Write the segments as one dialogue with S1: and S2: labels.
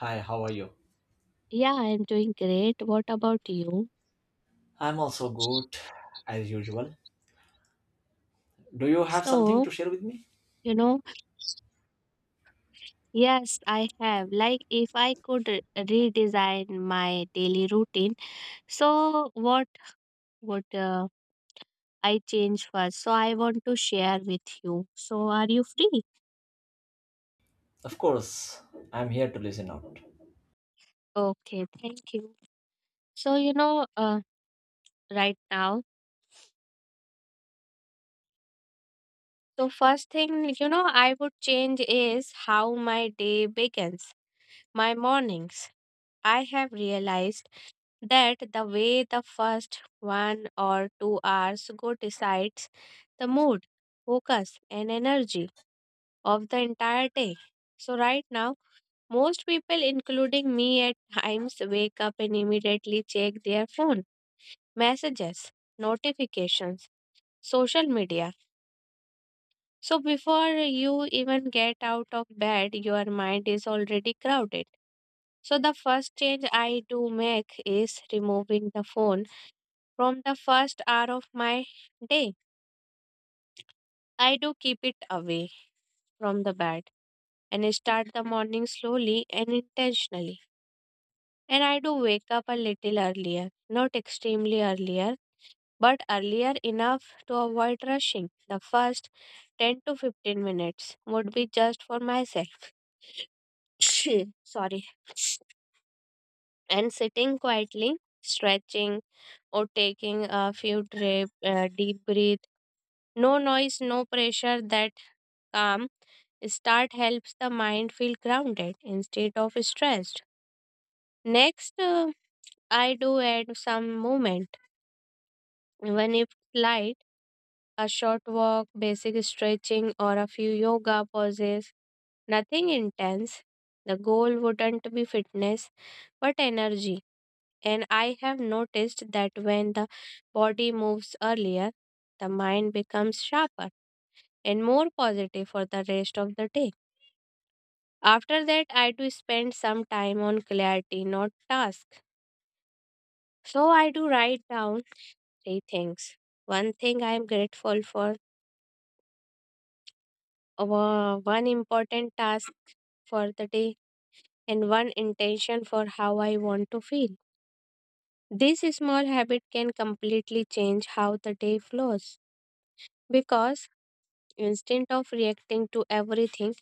S1: Hi, how are you?
S2: Yeah, I'm doing great. What about you?
S1: I'm also good, as usual. Do you have something
S2: So,
S1: to share with me?
S2: you know, yes, I have. Like, if I could redesign my daily routine, so what would I change first? So, I want to share with you. So, are you free?
S1: Of course, I'm here to listen out.
S2: Okay, thank you. So, right now, so first thing, I would change is how my day begins, my mornings. I have realized that the way the first 1 or 2 hours go decides the mood, focus, and energy of the entire day. So, right now, most people, including me at times, wake up and immediately check their phone, messages, notifications, social media. So, before you even get out of bed, your mind is already crowded. So, the first change I do make is removing the phone from the first hour of my day. I do keep it away from the bed and start the morning slowly and intentionally. And I do wake up a little earlier, not extremely earlier, but earlier enough to avoid rushing. The first 10 to 15 minutes would be just for myself. Sorry. And sitting quietly, stretching, or taking a few deep breath. No noise, no pressure that calm start helps the mind feel grounded instead of stressed. Next, I do add some movement, even if light, a short walk, basic stretching, or a few yoga poses. Nothing intense. The goal wouldn't be fitness, but energy. And I have noticed that when the body moves earlier, the mind becomes sharper and more positive for the rest of the day. After that, I do spend some time on clarity, not task. So I do write down three things. One thing I am grateful for, one important task for the day, and one intention for how I want to feel. This small habit can completely change how the day flows because instead of reacting to everything,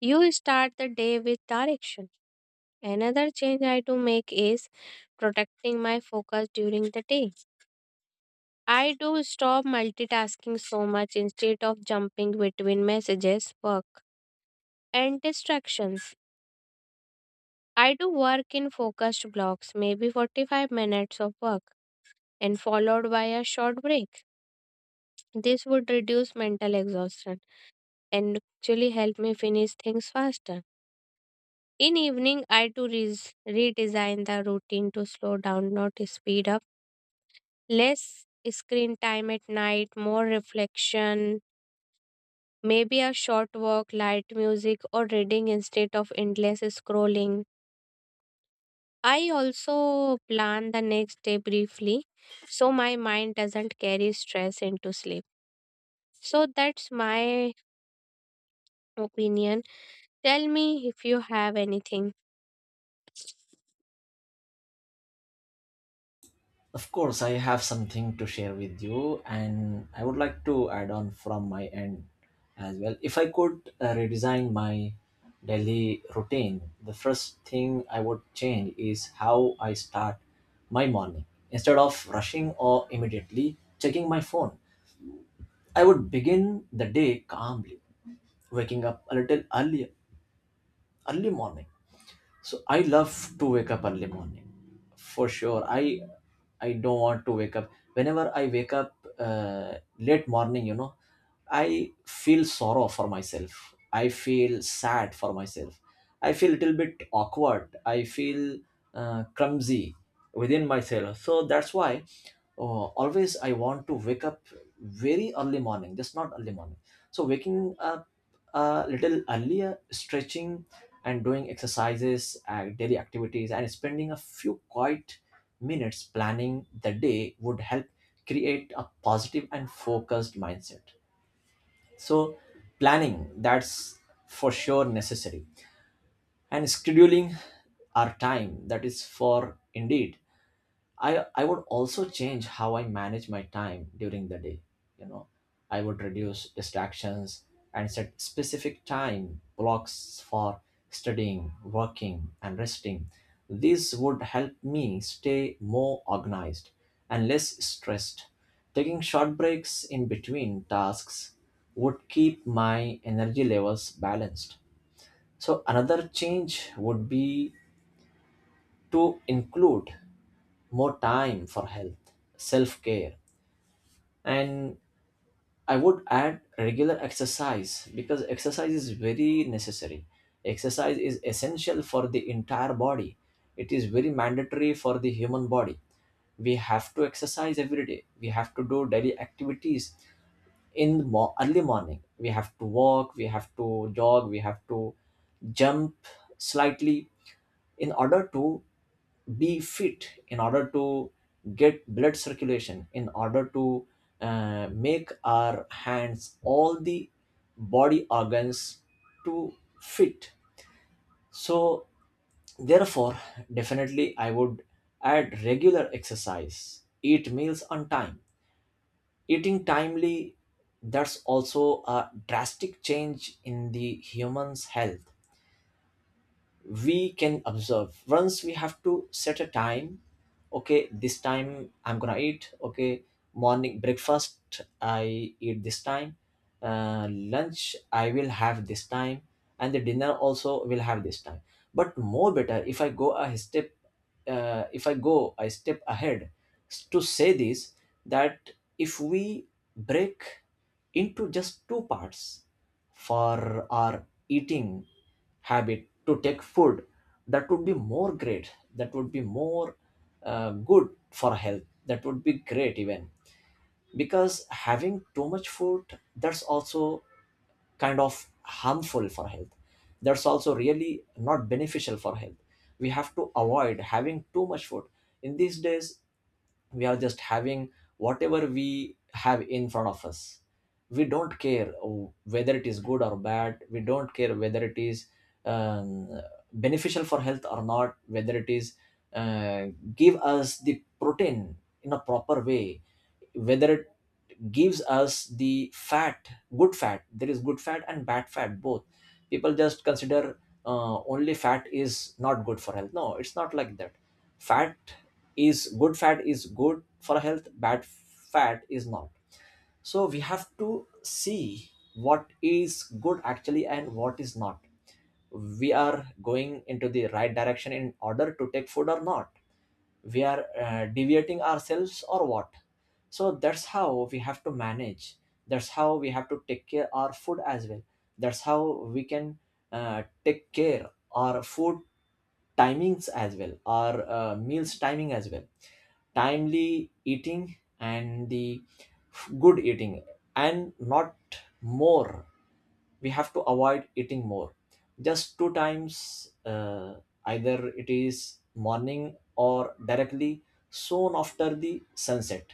S2: you start the day with direction. Another change I do make is protecting my focus during the day. I do stop multitasking so much instead of jumping between messages, work, and distractions. I do work in focused blocks, maybe 45 minutes of work, and followed by a short break. This would reduce mental exhaustion and actually help me finish things faster. In evening, I do redesign the routine to slow down, not speed up. Less screen time at night, more reflection, maybe a short walk, light music, or reading instead of endless scrolling. I also plan the next day briefly so my mind doesn't carry stress into sleep. So that's my opinion. Tell me if you have anything.
S1: Of course, I have something to share with you, and I would like to add on from my end as well. If I could redesign my daily routine, the first thing I would change is how I start my morning. Instead of rushing or immediately checking my phone, I would begin the day calmly, waking up a little earlier early morning. So I love to wake up early morning for sure. I don't want to wake up whenever I wake up uh, late morning. I feel sorrow for myself, I feel sad for myself, I feel a little bit awkward, I feel clumsy within myself. So that's why always I want to wake up very early morning, just not early morning. So waking up a little earlier, stretching and doing exercises, and daily activities, and spending a few quiet minutes planning the day would help create a positive and focused mindset. So planning, that's for sure necessary, and scheduling our time, that is for indeed. I would also change how I manage my time during the day. You know, I would reduce distractions and set specific time blocks for studying, working, and resting. This would help me stay more organized and less stressed. Taking short breaks in between tasks would keep my energy levels balanced. So another change would be to include more time for health, self care, and I would add regular exercise because exercise is very necessary. Exercise is essential for the entire body, it is very mandatory for the human body. We have to exercise every day, we have to do daily activities in the early morning. We have to walk, we have to jog, we have to jump slightly in order to be fit, in order to get blood circulation, in order to make our hands, all the body organs, to fit. So therefore, definitely I would add regular exercise, eat meals on time. Eating timely, that's also a drastic change in the human's health we can observe. Once we have to set a time: okay, this time I'm gonna eat. Okay, morning breakfast I eat this time, lunch I will have this time, and the dinner also will have this time. But more better if I go a step, if I go a step ahead to say this, that if we break into just two parts for our eating habit to take food, that would be more great, that would be more good for health, that would be great even. Because having too much food, that's also kind of harmful for health, that's also really not beneficial for health. We have to avoid having too much food. In these days, we are just having whatever we have in front of us. We don't care whether it is good or bad, we don't care whether it is um, beneficial for health or not, whether it is uh, give us the protein in a proper way, whether it gives us the fat. Good fat, there is good fat and bad fat both. People just consider only fat is not good for health. No, it's not like that. Fat is good, fat is good for health, bad fat is not. So we have to see what is good actually and what is not. We are going into the right direction in order to take food or not. We are deviating ourselves or what. So that's how we have to manage. That's how we have to take care our food as well. That's how we can take care our food timings as well, or meals timing as well. Timely eating and the good eating, and not more, we have to avoid eating more, just two times. Either it is morning or directly soon after the sunset,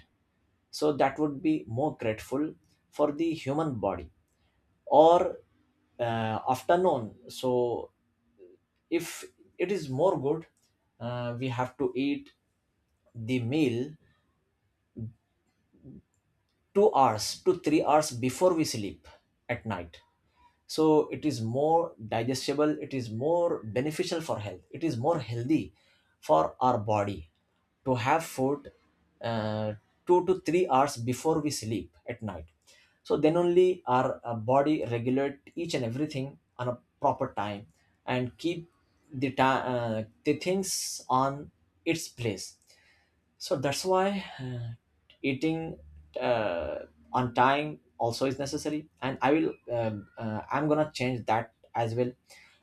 S1: so that would be more grateful for the human body. Or afternoon. So if it is more good, we have to eat the meal 2 hours to 3 hours before we sleep at night, so it is more digestible, it is more beneficial for health, it is more healthy for our body to have food uh, 2 to 3 hours before we sleep at night. So then only our body regulate each and everything on a proper time and keep the things on its place. So that's why eating uh, on time also is necessary. And I'm gonna change that as well,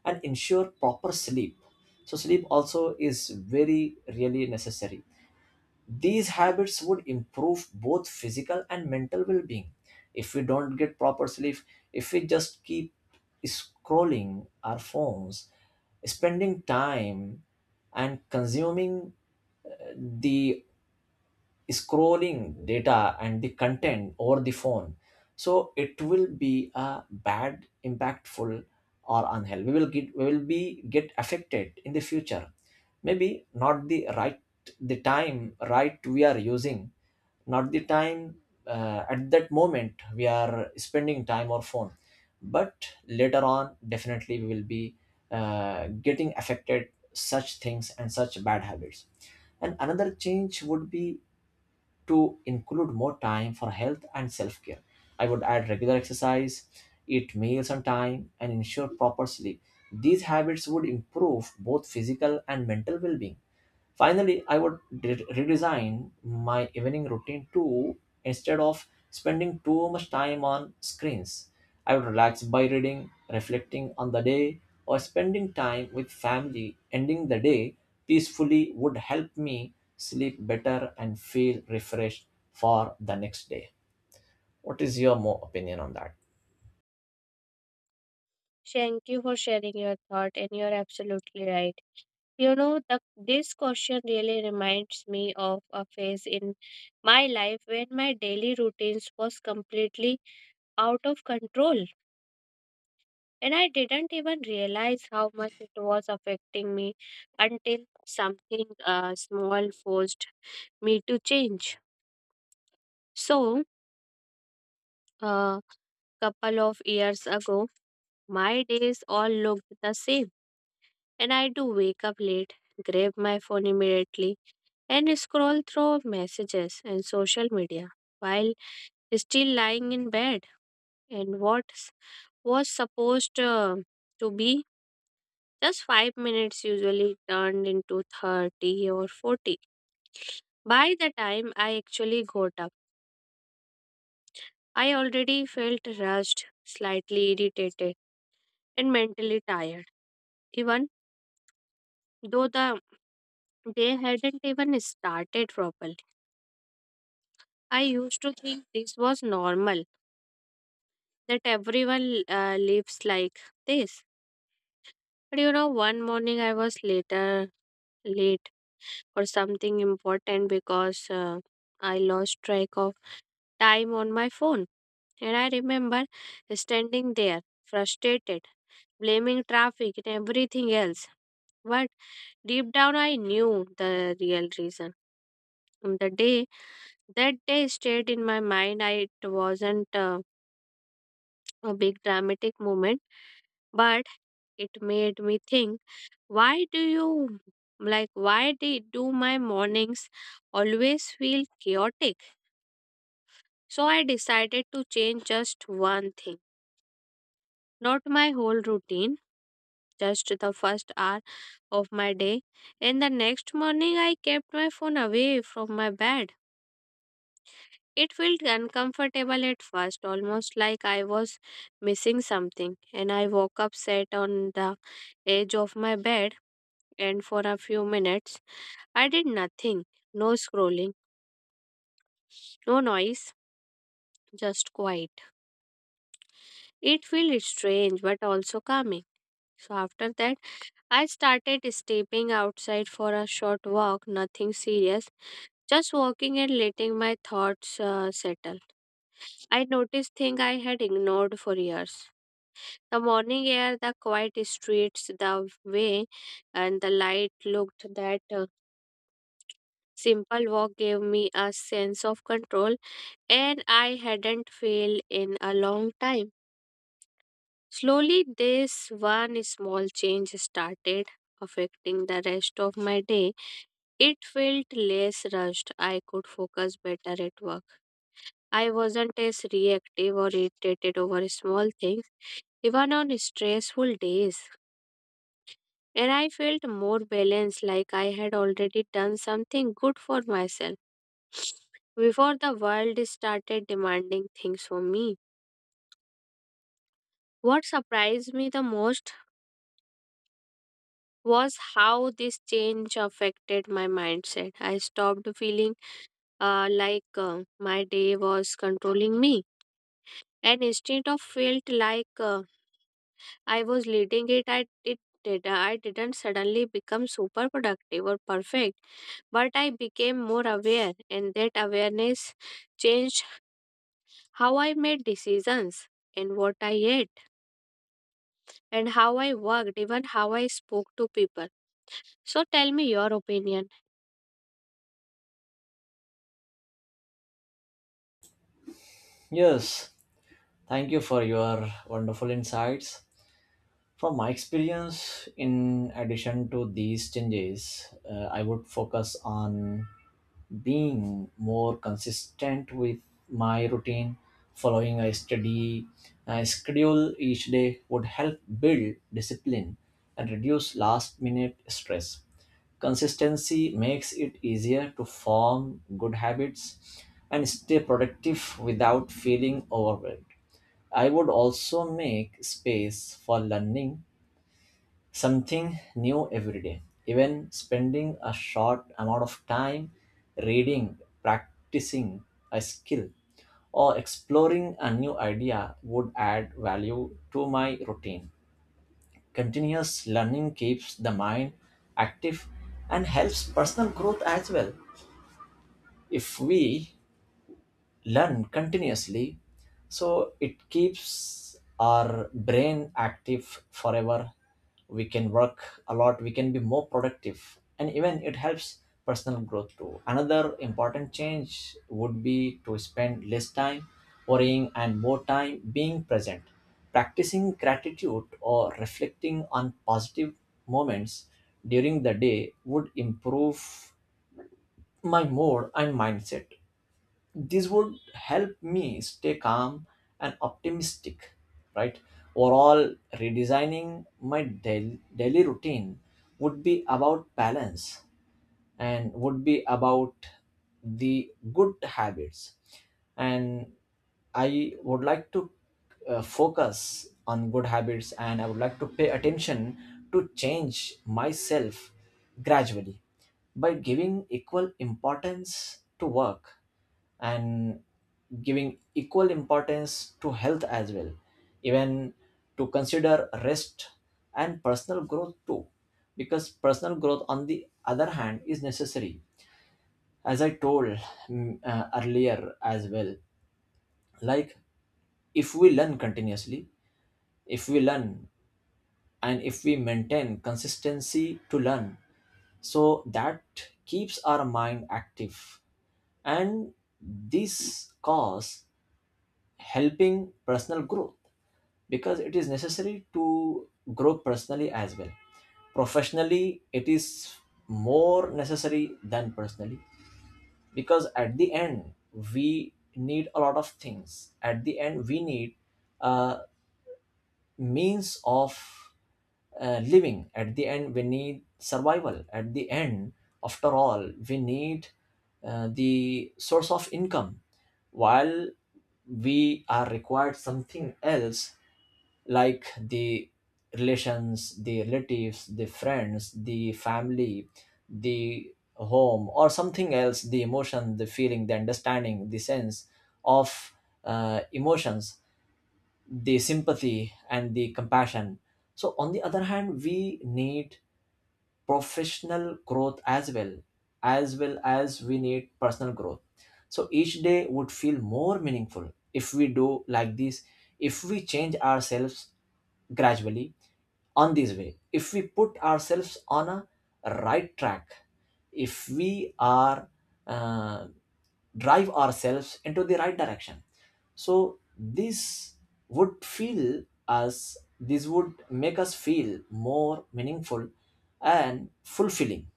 S1: and ensure proper sleep. So sleep also is very really necessary. These habits would improve both physical and mental well-being. If we don't get proper sleep, if we just keep scrolling our phones, spending time and consuming the scrolling data and the content over the phone, so it will be a bad impactful or unhealthy, we will get, we will be get affected in the future. Maybe not the right, the time right we are using, not the time, at that moment we are spending time or phone, but later on definitely we will be getting affected such things and such bad habits. And another change would be to include more time for health and self care. I would add regular exercise, eat meals on time, and ensure proper sleep. These habits would improve both physical and mental well being. Finally, I would redesign my evening routine too. Instead of spending too much time on screens, I would relax by reading, reflecting on the day, or spending time with family. Ending the day peacefully would help me sleep better and feel refreshed for the next day. What is your more opinion on that?
S2: Thank you for sharing your thought, and you're absolutely right. You know, this question really reminds me of a phase in my life when my daily routines was completely out of control. And I didn't even realize how much it was affecting me until something small forced me to change. So, a couple of years ago, my days all looked the same. And I do wake up late, grab my phone immediately, and scroll through messages and social media while still lying in bed. And what was supposed to be just 5 minutes usually turned into 30 or 40. By the time I actually got up, I already felt rushed, slightly irritated, and mentally tired, even though the day hadn't even started properly. I used to think this was normal, that everyone lives like this. But you know, one morning I was late for something important because I lost track of time on my phone. And I remember standing there, frustrated, blaming traffic and everything else. But deep down, I knew the real reason. And that day stayed in my mind. It wasn't a big dramatic moment, but it made me think why do you, like, why did, do my mornings always feel chaotic? So I decided to change just one thing, not my whole routine just the first hour of my day. And the next morning, I kept my phone away from my bed. It felt uncomfortable at first, almost like I was missing something. And I woke up, sat on the edge of my bed, and for a few minutes, I did nothing no scrolling, no noise, just quiet. It felt strange but also calming. So after that, I started stepping outside for a short walk, nothing serious just walking and letting my thoughts settle. I noticed things I had ignored for years. The morning air, the quiet streets, the way and the light looked that simple walk gave me a sense of control and I hadn't felt in a long time. Slowly this one small change started affecting the rest of my day. It felt less rushed. I could focus better at work. I wasn't as reactive or irritated over small things, even on stressful days. And I felt more balanced, like I had already done something good for myself before the world started demanding things from me. What surprised me the most was how this change affected my mindset. I stopped feeling my day was controlling me, and instead of felt like I was leading it I it did I didn't suddenly become super productive or perfect, but I became more aware and that awareness changed how I made decisions and what I ate and how I worked, even how I spoke to people. So tell me your opinion.
S1: Yes, thank you for your wonderful insights. From my experience, in addition to these changes, I would focus on being more consistent with my routine. Following a steady schedule each day would help build discipline and reduce last minute stress. Consistency makes it easier to form good habits and stay productive without feeling overwhelmed. I would also make space for learning something new every day. Even spending a short amount of time reading, practicing a skill, or exploring a new idea would add value to my routine. Continuous learning keeps the mind active and helps personal growth as well. If we learn continuously, so it keeps our brain active forever, we can work a lot, we can be more productive, and even it helps personal growth too. Another important change would be to spend less time worrying and more time being present. Practicing gratitude or reflecting on positive moments during the day would improve my mood and mindset. This would help me stay calm and optimistic, right? Overall, redesigning my daily routine would be about balance, and would be about the good habits. And I would like to focus on good habits, and I would like to pay attention to change myself gradually, by giving equal importance to work and giving equal importance to health as well, even to consider rest and personal growth too. Because personal growth on the other hand is necessary, as I told earlier as well. Like if we learn continuously, if we learn, and if we maintain consistency to learn, so that keeps our mind active. And this cause helping personal growth, because it is necessary to grow personally as well. Professionally it is more necessary than personally, because at the end we need a lot of things, at the end we need uh, means of living, at the end we need survival, at the end after all we need the source of income. While we are required something else, like the relations, the relatives, the friends, the family, the home, or something else, the emotion, the feeling, the understanding, the sense of emotions, the sympathy, and the compassion. So, on the other hand, we need professional growth as well, as well as we need personal growth. So, each day would feel more meaningful if we do like this, if we change ourselves gradually, on this way, if we put ourselves on a right track, if we are uh, drive ourselves into the right direction, so this would feel us, this would make us feel more meaningful and fulfilling.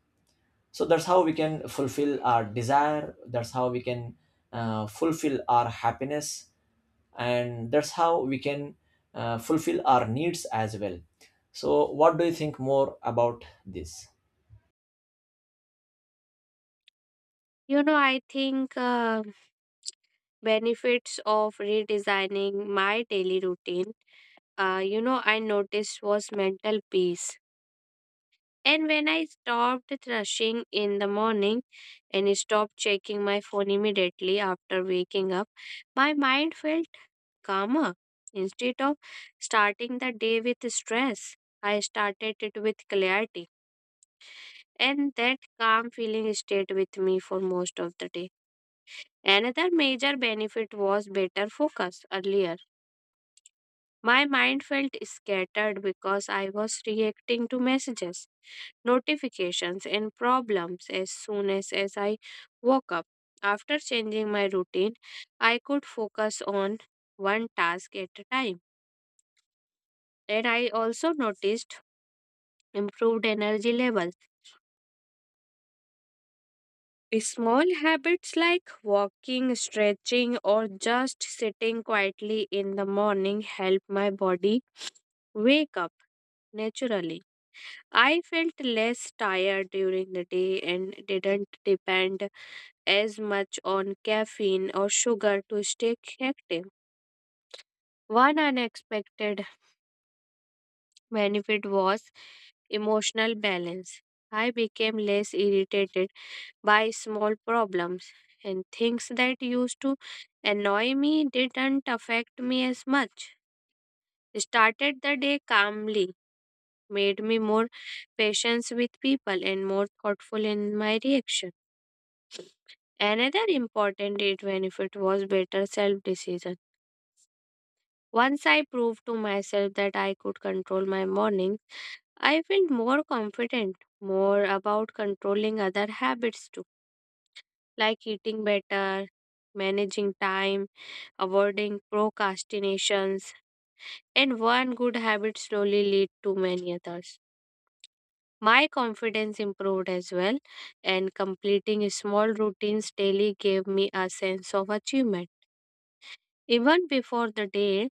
S1: So that's how we can fulfill our desire, that's how we can fulfill our happiness, and that's how we can fulfill our needs as well. So what do you think more about this?
S2: You know, I think benefits of redesigning my daily routine, I noticed was mental peace. And when I stopped rushing in the morning and stopped checking my phone immediately after waking up, my mind felt calmer. Instead of starting the day with stress, I started it with clarity. And that calm feeling stayed with me for most of the day. Another major benefit was better focus earlier. My mind felt scattered because I was reacting to messages notifications, and problems as I woke up. After changing my routine, I could focus on one task at a time. And I also noticed improved energy levels. Small habits like walking, stretching, or just sitting quietly in the morning help my body wake up naturally. I felt less tired during the day and didn't depend as much on caffeine or sugar to stay active. One unexpected benefit was emotional balance. I became less irritated by small problems, and things that used to annoy me didn't affect me as much. Started the day calmly, made me more patient with people and more thoughtful in my reaction. Another important aid benefit was better self decision. Once I proved to myself that I could control my mornings, I felt more confident, more about controlling other habits too, like eating better, managing time, avoiding procrastinations, and one good habit slowly lead to many others. My confidence improved as well, and completing small routines daily gave me a sense of achievement. Even before the day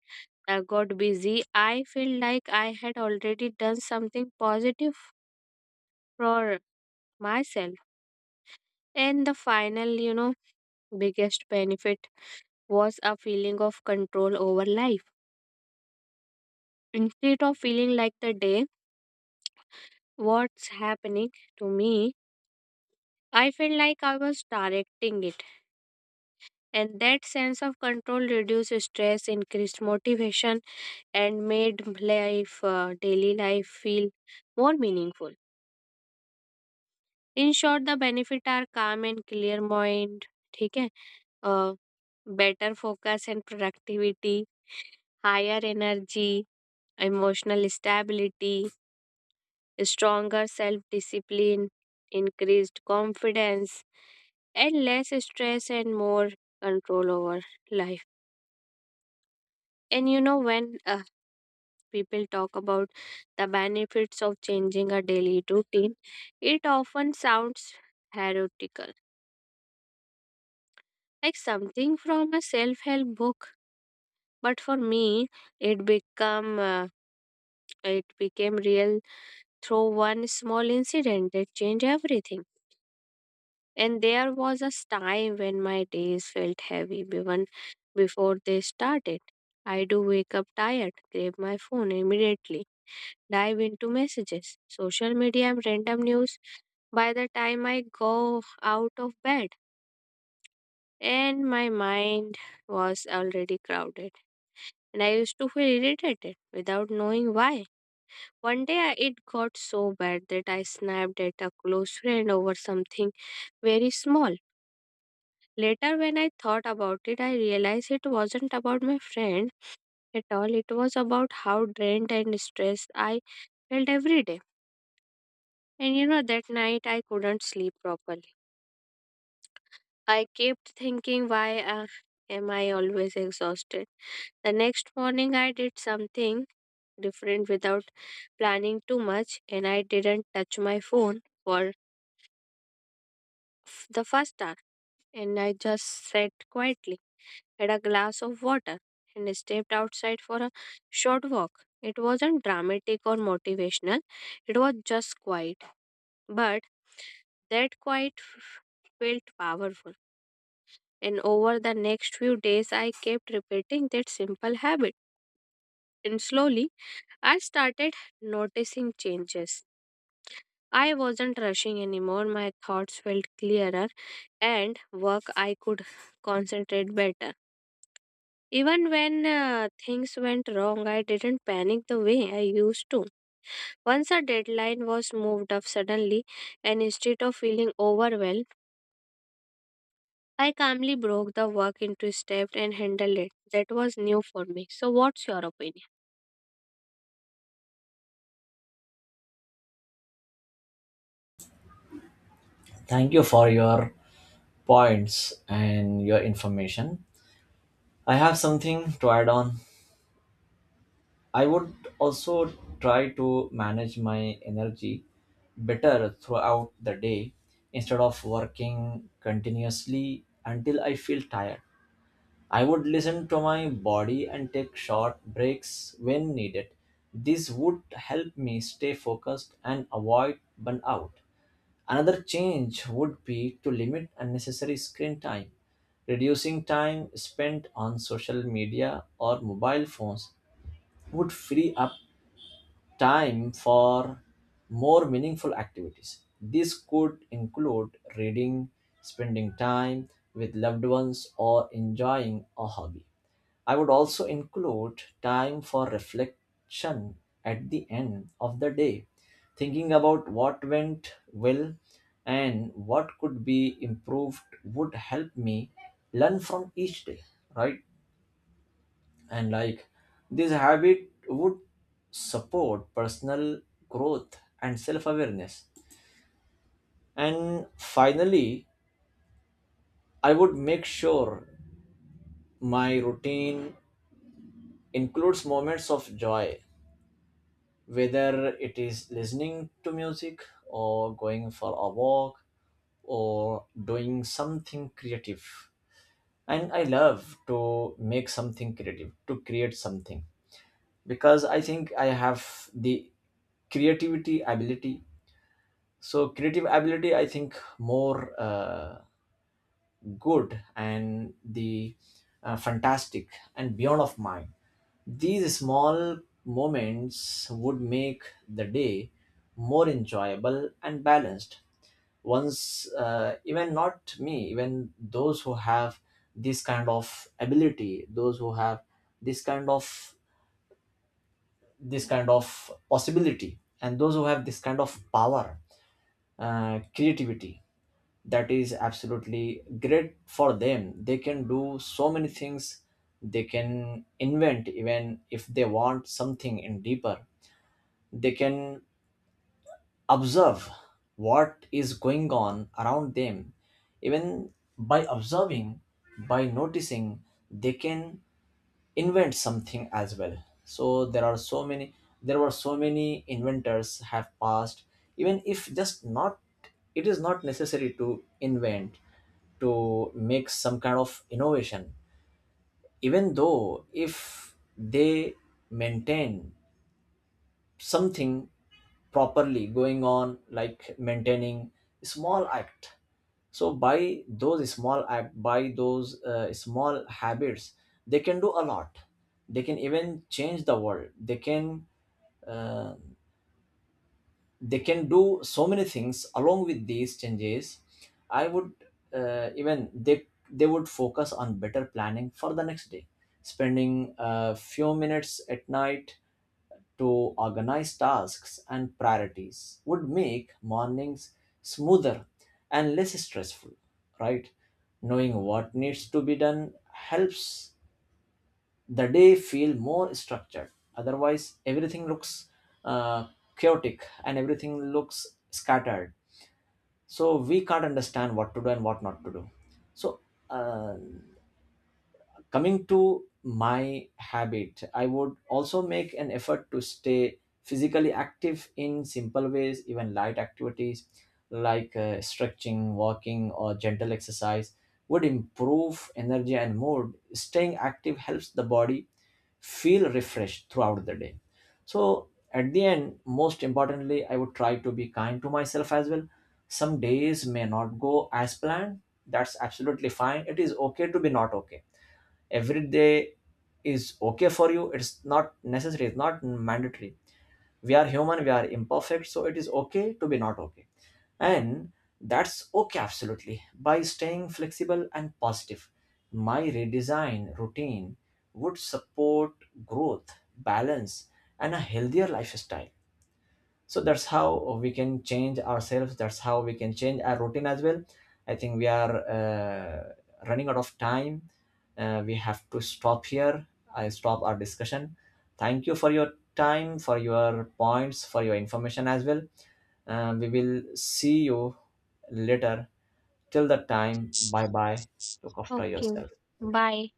S2: I got busy, I felt like I had already done something positive for myself. And the final, biggest benefit was a feeling of control over life. Instead of feeling like the day, what's happening to me, I felt like I was directing it. And that sense of control reduced stress, increased motivation, and made life, daily life, feel more meaningful. In short, the benefit are calm and clear mind, ठीक है better focus and productivity higher energy emotional stability stronger self discipline increased confidence and less stress and more control over life and you know when people talk about the benefits of changing a daily routine it often sounds heretical like something from a self-help book. But for me, it become uh, it became real through one small incident that changed everything. And there was a time when my days felt heavy even before they started. I do wake up tired, grab my phone immediately, dive into messages, social media, and random news by the time I go out of bed. And my mind was already crowded, and I used to feel irritated without knowing why. One day it got so bad that I snapped at a close friend over something very small. Later, when I thought about it, I realized it wasn't about my friend at all. It was about how drained and stressed I felt every day. And you know, that night I couldn't sleep properly. I kept thinking, why am I always exhausted? The next morning, I did something different without planning too much, and I didn't touch my phone for the first hour, and I just sat quietly, had a glass of water, and stepped outside for a short walk. It wasn't dramatic or motivational, it was just quiet, but that quiet f- felt powerful. And over the next few days, I kept repeating that simple habit. And slowly, I started noticing changes. I wasn't rushing anymore, my thoughts felt clearer, and work I could concentrate better. Even when things went wrong, I didn't panic the way I used to. Once a deadline was moved up suddenly, and instead of feeling overwhelmed, I calmly broke the work into steps and handled it. That was new for me. So, what's your opinion?
S1: Thank you for your points and your information. I have something to add on. I would also try to manage my energy better throughout the day, instead of working continuously until I feel tired. I would listen to my body and take short breaks when needed. This would help me stay focused and avoid burnout. Another change would be to limit unnecessary screen time, reducing time spent on social media or mobile phones would free up time for more meaningful activities. This could include reading, spending time with loved ones, or enjoying a hobby. I would also include time for reflection at the end of the day, thinking about what went well and what could be improved would help me learn from each day, right? And like this habit would support personal growth and self-awareness. And finally, I would make sure my routine includes moments of joy, whether it is listening to music or going for a walk or doing something creative. And I love to make something creative, to create something, because I think I have the creativity ability. So creative ability, I think, more good and the fantastic and beyond of mind. These small moments would make the day more enjoyable and balanced. Once, even not me, even those who have this kind of ability, those who have this kind of this kind of possibility, and those who have this kind of power, creativity, that is absolutely great for them. They can do so many things, they can invent, even if they want something in deeper, they can observe what is going on around them. Even by observing, by noticing, they can invent something as well. So there are so many, there were so many inventors have passed. Even if just not, it is not necessary to invent, to make some kind of innovation. Even though if they maintain something properly going on, like maintaining small act. So by those small act, by those small habits, they can do a lot. They can even change the world, uh, they can do so many things. Along with these changes, I would, even they would focus on better planning for the next day. Spending a few minutes at night to organize tasks and priorities would make mornings smoother and less stressful, right? Knowing what needs to be done helps the day feel more structured. Otherwise everything looks uh, chaotic and everything looks scattered, so we can't understand what to do and what not to do. So, uh, coming to my habit, I would also make an effort to stay physically active in simple ways. Even light activities like stretching, walking or gentle exercise would improve energy and mood. Staying active helps the body feel refreshed throughout the day. So at the end, most importantly, I would try to be kind to myself as well. Some days may not go as planned, that's absolutely fine. It is okay to be not okay every day, is okay for you. It's not necessary, it's not mandatory. We are human, we are imperfect, so it is okay to be not okay. And that's okay, absolutely. By staying flexible and positive, my redesign routine would support growth, balance and a healthier lifestyle. So that's how we can change ourselves, that's how we can change our routine as well. I think we are running out of time. We have to stop here, I stop our discussion. Thank you for your time, for your points, for your information as well. We will see you later. Till that time, bye bye. Look after
S2: Okay,
S1: yourself.
S2: bye.